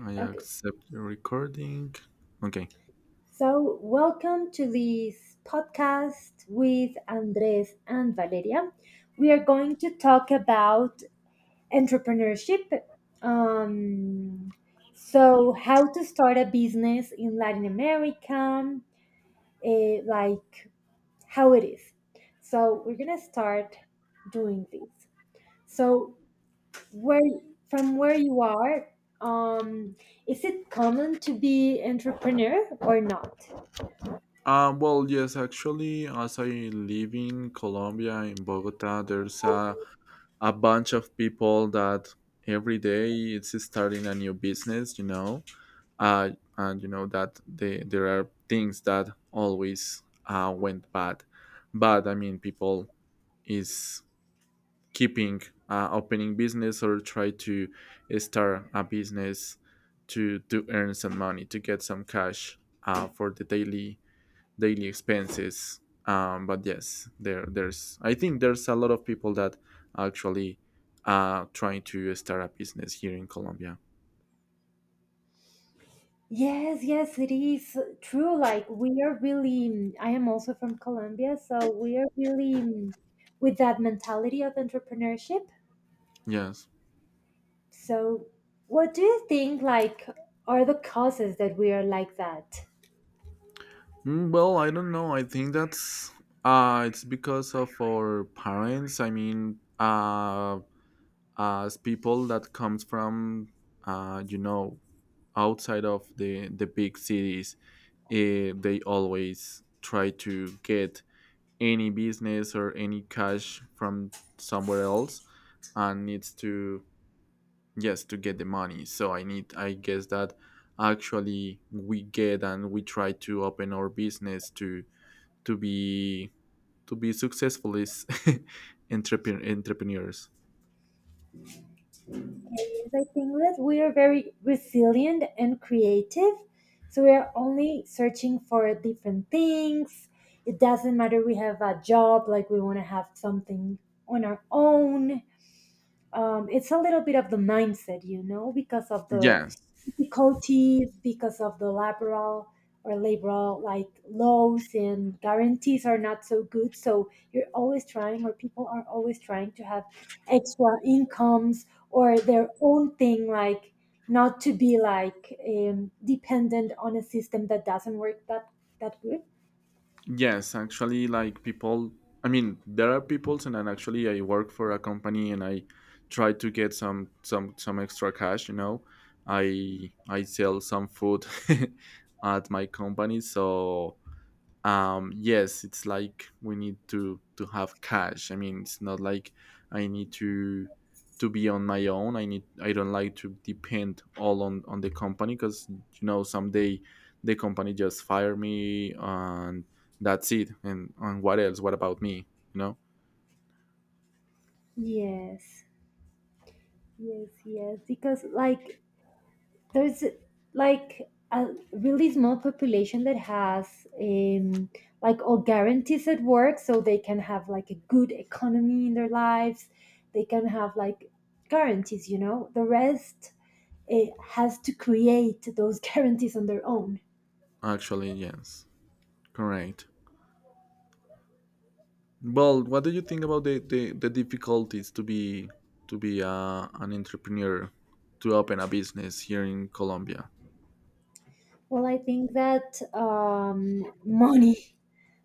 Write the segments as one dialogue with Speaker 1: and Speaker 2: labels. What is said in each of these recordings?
Speaker 1: I
Speaker 2: Okay.
Speaker 1: accept the recording. Okay.
Speaker 2: So, welcome to this podcast with Andres and Valeria. We are going to talk about entrepreneurship. Um, how to start a business in Latin America, like how it is. So, we're going to start doing this. So, where from where you are, um, is it common to be entrepreneur or not?
Speaker 1: Yes, actually, as I live in Colombia, in Bogota, there's a bunch of people that every day it's starting a new business. Uh, and you know that there are things that always went bad. But I mean, people is keeping opening business or try to start a business to earn some money to get some cash for the daily expenses. But yes, there there's I think there's a lot of people that actually, trying to start a business here in Colombia.
Speaker 2: Yes, yes, it is true. Like we are really, I am also from Colombia, so we are really with that mentality of entrepreneurship.
Speaker 1: Yes.
Speaker 2: So, what do you think like are the causes that we are like that?
Speaker 1: Mm, well, I don't know. I think that's it's because of our parents. I mean, as people that comes from, you know, outside of the big cities, eh, they always try to get any business or any cash from somewhere else and needs to, yes, to get the money. So I guess that actually we get and we try to open our business to to be to be successful is entrepreneurs.
Speaker 2: Is I think that we are very resilient and creative. So we are only searching for different things. It doesn't matter we have a job, like we want to have something on our own, it's a little bit of the mindset, you know, because of the
Speaker 1: Yes.
Speaker 2: difficulties, because of the laboral or laboral like laws and guarantees are not so good. So you're always trying, or people are always trying to have extra incomes or their own thing, like not to be like dependent on a system that doesn't work that good.
Speaker 1: Yes, actually, like people, I mean, there are people, and then actually, I work for a company, and I try to get some extra cash. You know, I sell some food at my company. So, um, yes, it's like we need to have cash. I mean, it's not like I need to be on my own. I need, I don't like to depend all on the company, because you know someday the company just fire me and that's it. And what else, what about me, you know.
Speaker 2: Yes, yes, yes. Because like there's a really small population that has like all guarantees at work so they can have like a good economy in their lives, they can have like guarantees, you know, the rest has to create those guarantees on their own.
Speaker 1: Actually, yes, correct. Well, what do you think about the difficulties to be an entrepreneur, to open a business here in Colombia?
Speaker 2: Well, I think that money,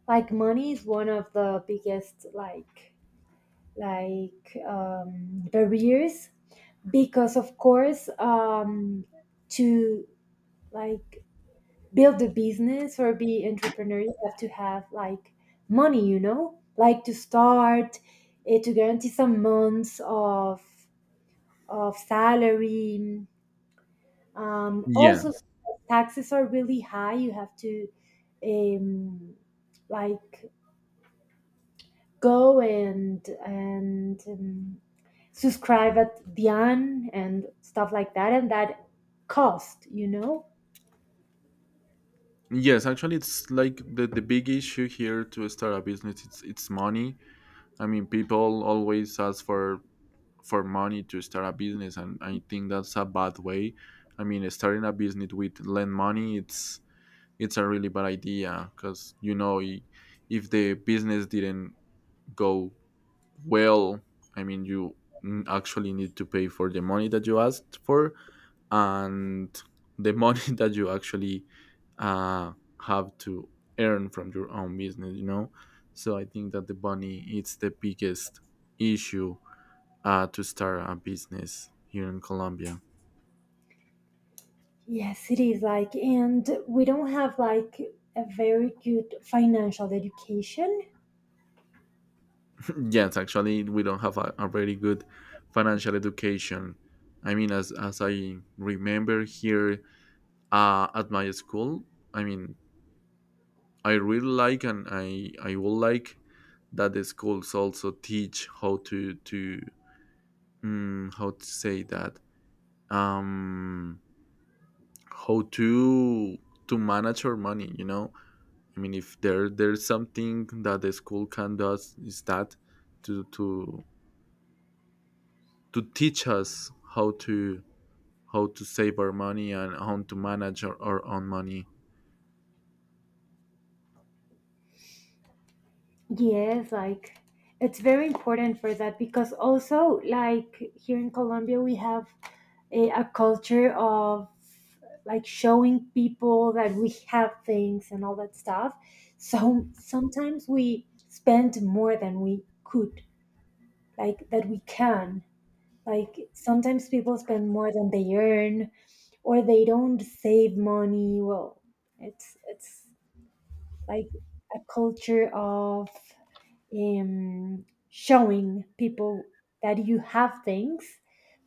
Speaker 2: money is one of the biggest like barriers, because of course, to like build a business or be entrepreneur you have to have like money, you know, like to start, to guarantee some months of salary.
Speaker 1: Yeah.
Speaker 2: Also taxes are really high, you have to um, like go and subscribe at Beyond and stuff like that, and that cost, you know.
Speaker 1: Yes, actually, it's like the big issue here to start a business. It's money. I mean, people always ask for money to start a business, and I think that's a bad way. I mean, starting a business with lend money, it's a really bad idea, because you know, if the business didn't go well, I mean, you, actually need to pay for the money that you asked for, and the money that you actually uh, have to earn from your own business, you know. So I think that the money it's the biggest issue, to start a business here in Colombia.
Speaker 2: Yes, it is like, and we don't have like a very good financial education.
Speaker 1: Yes, actually, we don't have a very good financial education. I mean, as I remember here, at my school, I mean, I really like, and I would like that the schools also teach how to how to say that, um how to manage our money, you know. I mean, if there's something that the school can does is that to to to teach us how to save our money and how to manage our own money.
Speaker 2: Yes, like it's very important for that, because also like here in Colombia we have a culture of like showing people that we have things and all that stuff. So sometimes we spend more than we could, like that we can. Like sometimes people spend more than they earn or they don't save money. Well, it's like a culture of showing people that you have things,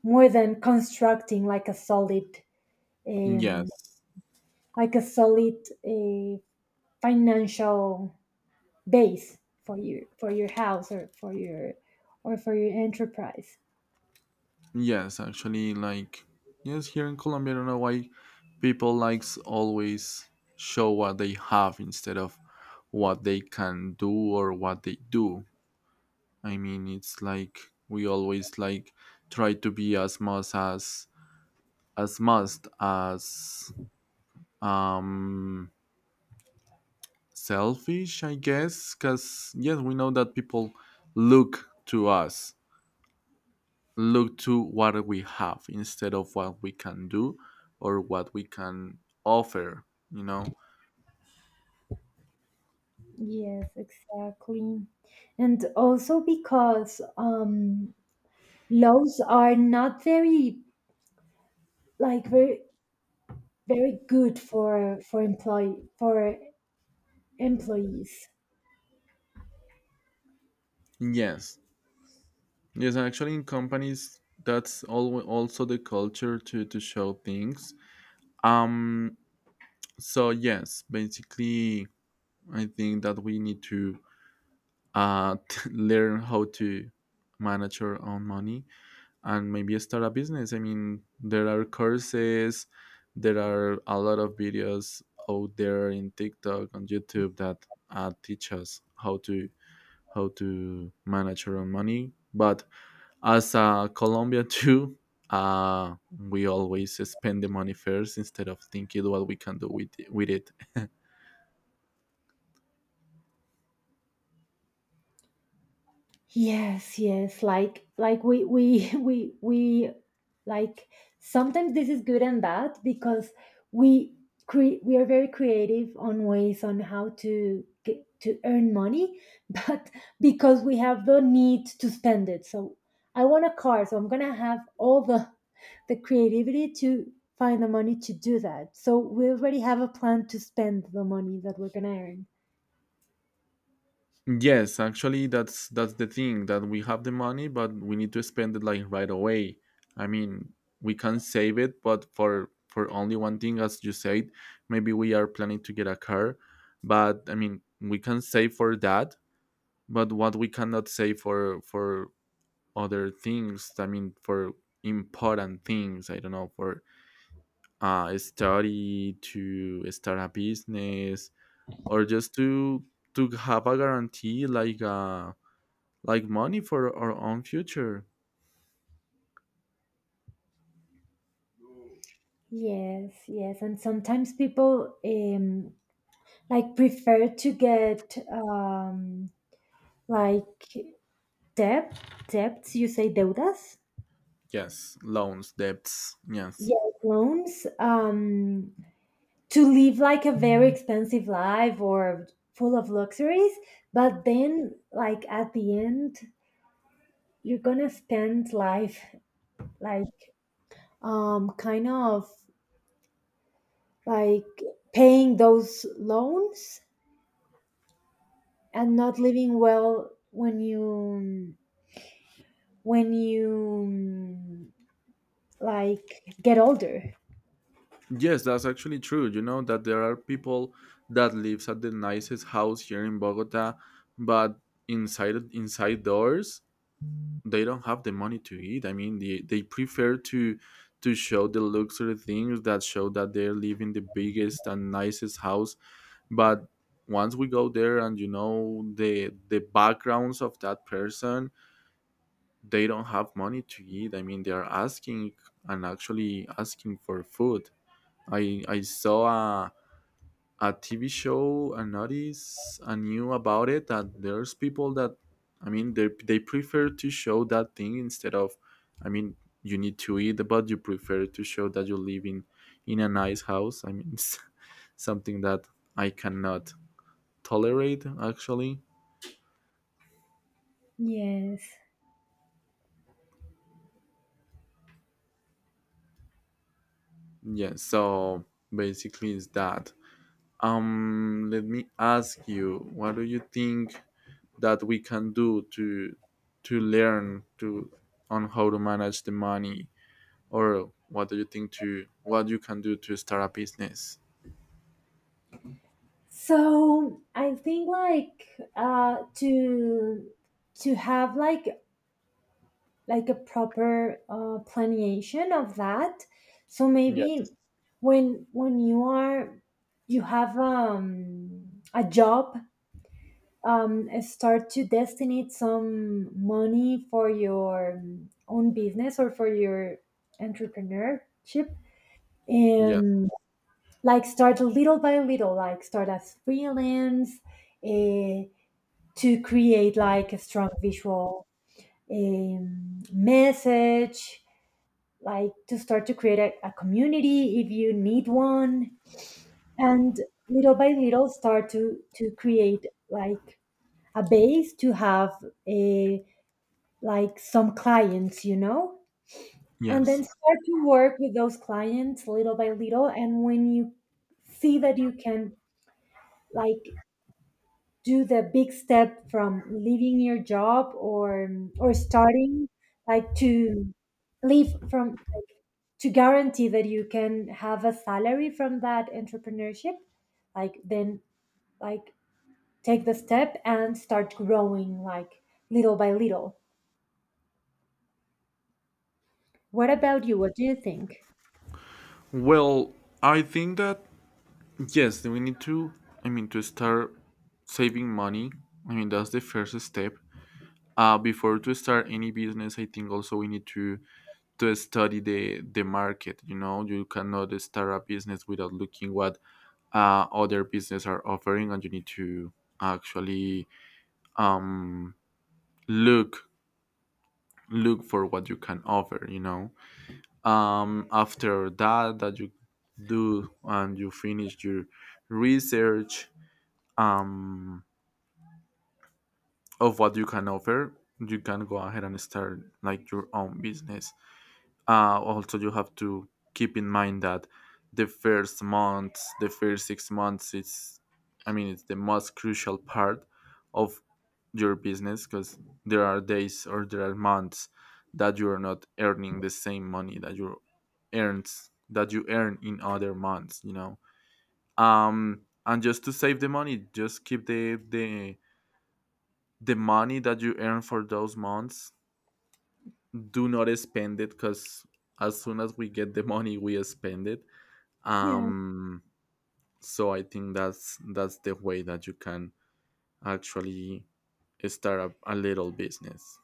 Speaker 2: more than constructing um,
Speaker 1: Yes.
Speaker 2: like a solid uh, financial base for your house or for your enterprise.
Speaker 1: Yes, actually, like, yes, here in Colombia, I don't know why people likes always show what they have instead of what they can do or what they do. I mean, it's like we always like try to be as much as must as um selfish, I guess. Because yes, we know that people look to us, look to what we have instead of what we can do or what we can offer. You know,
Speaker 2: Yes, exactly. And also because laws are not very like very very good for employ for employees.
Speaker 1: yes, yes. Actually, in companies, that's also the culture to show things. Um. So yes, basically I think that we need to uh, learn how to manage our own money and maybe start a business. I mean, there are courses, there are a lot of videos out there in TikTok on YouTube that teach us how to manage our own money. But as a Colombia too, we always spend the money first instead of thinking what we can do with it.
Speaker 2: Yes, yes. Like we we like sometimes this is good and bad because we cre we are very creative on ways on how to get to earn money, but because we have the need to spend it. So I want a car, so I'm gonna have all the creativity to find the money to do that. So we already have a plan to spend the money that we're gonna earn.
Speaker 1: Yes, actually, that's the thing, that we have the money, but we need to spend it like right away. I mean, we can save it, but for only one thing. As you said, maybe we are planning to get a car, but I mean, we can save for that, but what we cannot save for other things. I mean, for important things. I don't know, for study to start a business, or just to have a guarantee, like a like money for our own future.
Speaker 2: Yes, yes, and sometimes people like prefer to get like debt debts, you say deudas.
Speaker 1: Yes, loans, debts. Yes.
Speaker 2: Yeah, loans, to live like a very expensive life or full of luxuries, but then like at the end you're gonna spend life like kind of like paying those loans and not living well when you like get older.
Speaker 1: Yes, that's actually true. You know that there are people that lives at the nicest house here in Bogota, but inside doors they don't have the money to eat. I mean, they prefer to show the luxury things, that show that they're living the biggest and nicest house. But once we go there and you know the backgrounds of that person, they don't have money to eat. I mean, they are asking, and actually asking for food. I saw a a TV show and noticed and knew about it, that there's people that, I mean, they prefer to show that thing instead of, I mean, you need to eat, but you prefer to show that you live in a nice house. I mean it's something that I cannot tolerate actually.
Speaker 2: Yes.
Speaker 1: Yeah, so basically it's that. Let me ask you, what do you think that we can do to learn to on how to manage the money, or what do you think to what you can do to start a business?
Speaker 2: So I think like to to have like a proper planeation of that. So maybe
Speaker 1: Yes.
Speaker 2: when you are you have a job, start to destinate some money for your own business or for your entrepreneurship
Speaker 1: Yes,
Speaker 2: and. Like start little by little, like start as freelance, uh, to create like a strong visual message, like to start to create a community if you need one, and little by little start to create like a base to have a like some clients, you know, and
Speaker 1: yes.
Speaker 2: then start to work with those clients little by little, and when you see that you can like do the big step from leaving your job or starting like to leave from to guarantee that you can have a salary from that entrepreneurship, like then like take the step and start growing like little by little. What about you, what do you think?
Speaker 1: Well, I think that yes, we need to. I mean, to start saving money. I mean, that's the first step. Before to start any business, I think also we need to study the market. You know, you cannot start a business without looking what other businesses are offering, and you need to actually, um look look for what you can offer, you know. After that you do and you finish your research, um of what you can offer, you can go ahead and start like your own business. Also, you have to keep in mind that the first months, the first 6 months, it's, I mean, it's the most crucial part of your business, because there are days or there are months that you are not earning the same money that you earn in other months. You know, and just to save the money, just keep the the money that you earn for those months. Do not spend it, because as soon as we get the money, we spend it.
Speaker 2: Yeah.
Speaker 1: um so I think that's the way that you can actually start up a little business.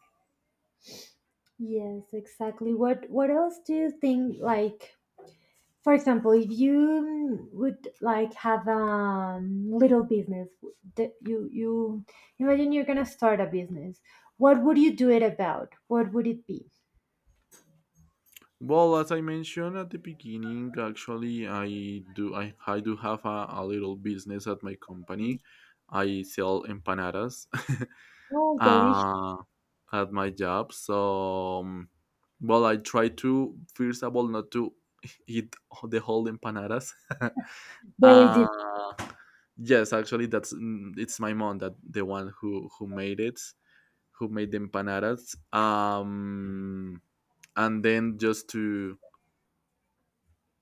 Speaker 2: Yes, exactly, what else do you think like. For example, if you would like have a little business, that you imagine you're gonna start a business. What would you do it about? What would it be?
Speaker 1: Well, as I mentioned at the beginning, actually I do have a little business at my company. I sell empanadas.
Speaker 2: Oh, delicious!
Speaker 1: uh, at my job, so, well, I try to first of all not to eat the whole empanadas.
Speaker 2: Very
Speaker 1: Uh,
Speaker 2: deep.
Speaker 1: yes, actually, that's, mm, it's my mom that the one who who made the empanadas. And then just to,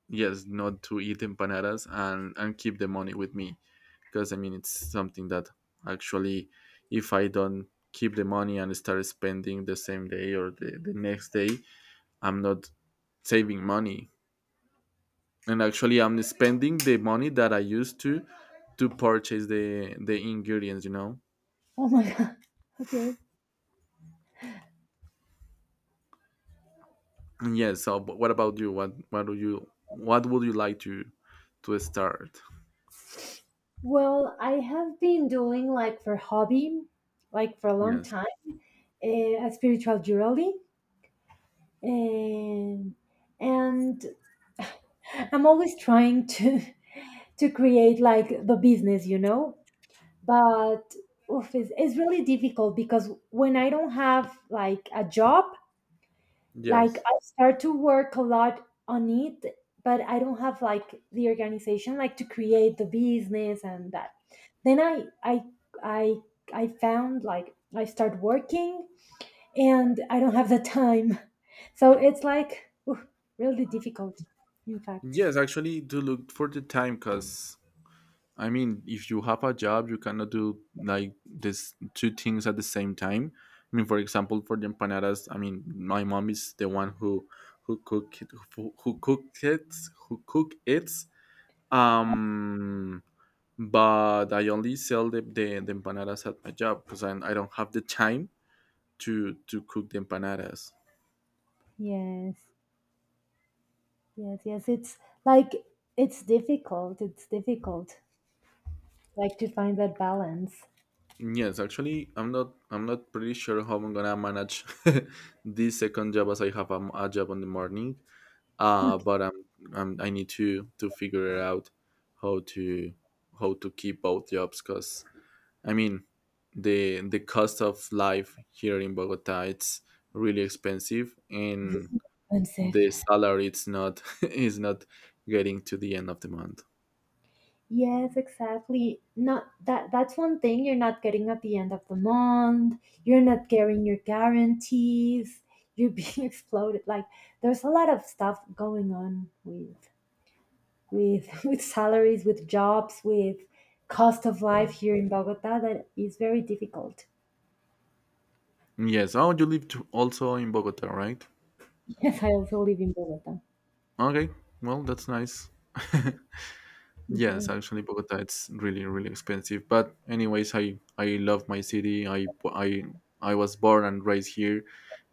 Speaker 1: yes, not to eat empanadas, and keep the money with me. Because I mean it's something that actually, if I don't keep the money and start spending the same day or the next day, I'm not saving money. And actually, I'm spending the money that I used to purchase the ingredients. You know.
Speaker 2: Oh my god. Okay.
Speaker 1: And yes. So, but what about you? What would you like to start?
Speaker 2: Well, I have been doing like for hobby, like for a long
Speaker 1: Yes.
Speaker 2: time, a spiritual journaling, and and I'm always trying to to create like the business, you know. But oof, it's really difficult because when I don't have like a job, like
Speaker 1: Yes.
Speaker 2: I start to work a lot on it, but I don't have like the organization like to create the business and that. Then I I found like I start working and I don't have the time, so it's like oof, really difficult. In fact,
Speaker 1: Yes. Actually, to look for the time. Because I mean, if you have a job, you cannot do like this two things at the same time. I mean, for example, for the empanadas, I mean, my mom is the one who cook it- who, who cook it who cook it. Um, but I only sell the empanadas at my job, because I don't have the time to cook the empanadas.
Speaker 2: yes, yes, yes, it's like it's difficult. It's difficult. Like to find that balance.
Speaker 1: Yes, actually, I'm not pretty sure how I'm gonna manage this second job, as I have a, a job on the morning.
Speaker 2: Okay.
Speaker 1: But I'm, I need to figure it out how to how to keep both jobs. Because I mean the cost of life here in Bogota it's really expensive, and
Speaker 2: Expensive.
Speaker 1: the salary it's not is not getting to the end of the month.
Speaker 2: Yes, exactly. Not that, that's one thing, you're not getting at the end of the month. You're not getting your guarantees. You're being exploded. Like there's a lot of stuff going on with with salaries, with jobs, with cost of life here in Bogota that is very difficult.
Speaker 1: Yes. Oh, you live to also in Bogota, right?
Speaker 2: Yes, I also live in Bogota.
Speaker 1: Okay, well, that's nice. Yes,
Speaker 2: Mhm.
Speaker 1: actually, Bogota it's really really expensive. But anyways, I love my city. I was born and raised here,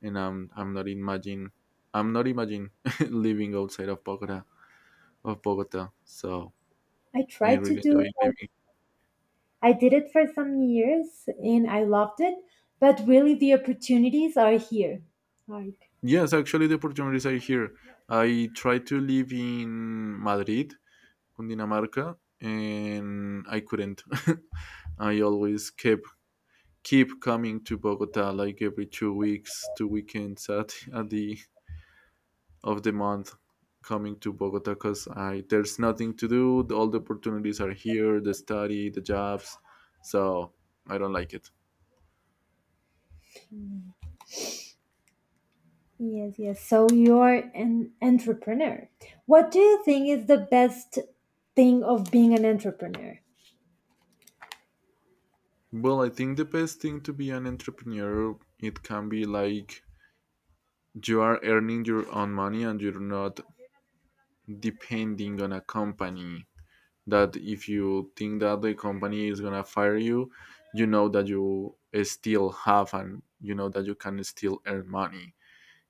Speaker 1: and I'm not imagine living outside of Bogota. So
Speaker 2: I
Speaker 1: I
Speaker 2: try to
Speaker 1: really
Speaker 2: do.
Speaker 1: enjoy living.
Speaker 2: I did it for some years and I loved it, but really the opportunities are here. Like,
Speaker 1: Yes, actually, the opportunities are here. I tried to live in Madrid, Cundinamarca, and I couldn't. I always kept keep coming to Bogota like every 2 weeks, two weekends at the of the month, coming to Bogota. Because I there's nothing to do. All the opportunities are here, the study, the jobs. So I don't like it.
Speaker 2: mm, yes, yes. So you're an entrepreneur. What do you think is the best thing of being an entrepreneur?
Speaker 1: Well, I think the best thing to be an entrepreneur, it can be like you are earning your own money and you're not depending on a company, that if you think that the company is gonna fire you, you know that you still have, and you know that you can still earn money,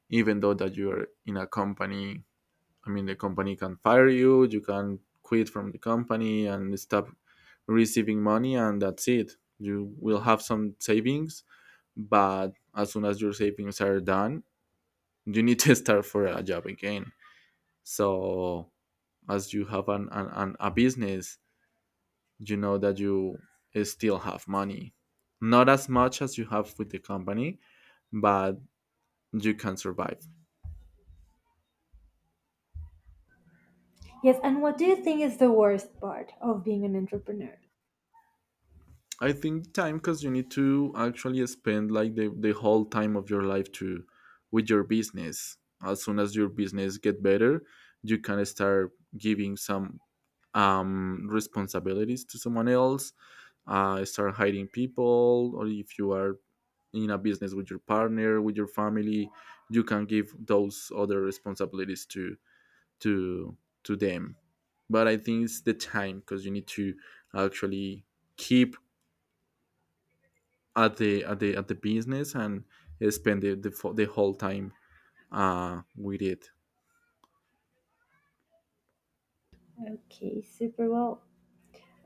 Speaker 1: even though that you are in a company. I mean, the company can fire you, you can quit from the company and stop receiving money, and that's it. You will have some savings, but as soon as your savings are done, you need to start for a job again. So as you have an a business, you know that you still have money, not as much as you have with the company, but you can survive.
Speaker 2: Yes, and what do you think is the worst part of being an entrepreneur?
Speaker 1: I think time. Because you need to actually spend like the whole time of your life to with your business. As soon as your business get better, you can start giving some responsibilities to someone else, start hiring people, or if you are in a business with your partner, with your family, you can give those other responsibilities to to to them. But I think it's the time, because you need to actually keep at the at the business and spend the the whole time with it.
Speaker 2: Okay, super well.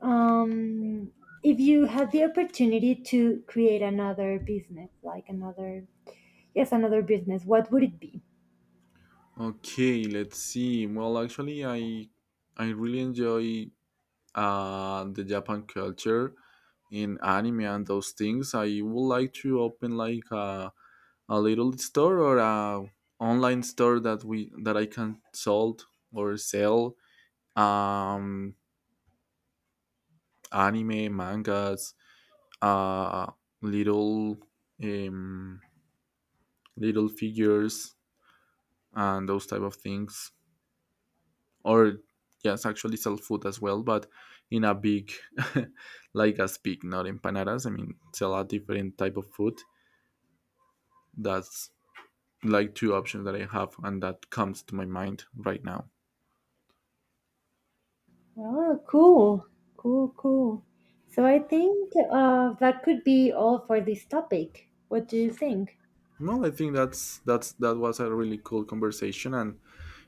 Speaker 2: Um, if you had the opportunity to create another business, like another, yes, another business, what would it be?
Speaker 1: Okay, let's see. Well, actually, I really enjoy and the Japan culture in anime and those things. I would like to open like a little store or a online store that we that I can sold or sell, um, anime mangas, uh little um little figures and those type of things. Or yes, actually sell food as well, but in a big like as big, not empanadas. I mean sell a different type of food. That's like two options that I have and that comes to my mind right now.
Speaker 2: Oh, cool. Cool, cool. So I think that could be all for this topic. What do you think?
Speaker 1: Well, I think that's that was a really cool conversation, and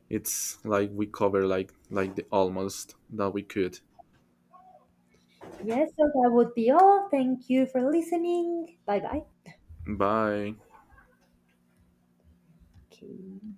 Speaker 1: it's like we cover like the almost that we could.
Speaker 2: Yes, so that would be all. Thank you for listening. Bye bye.
Speaker 1: Bye.
Speaker 2: Okay.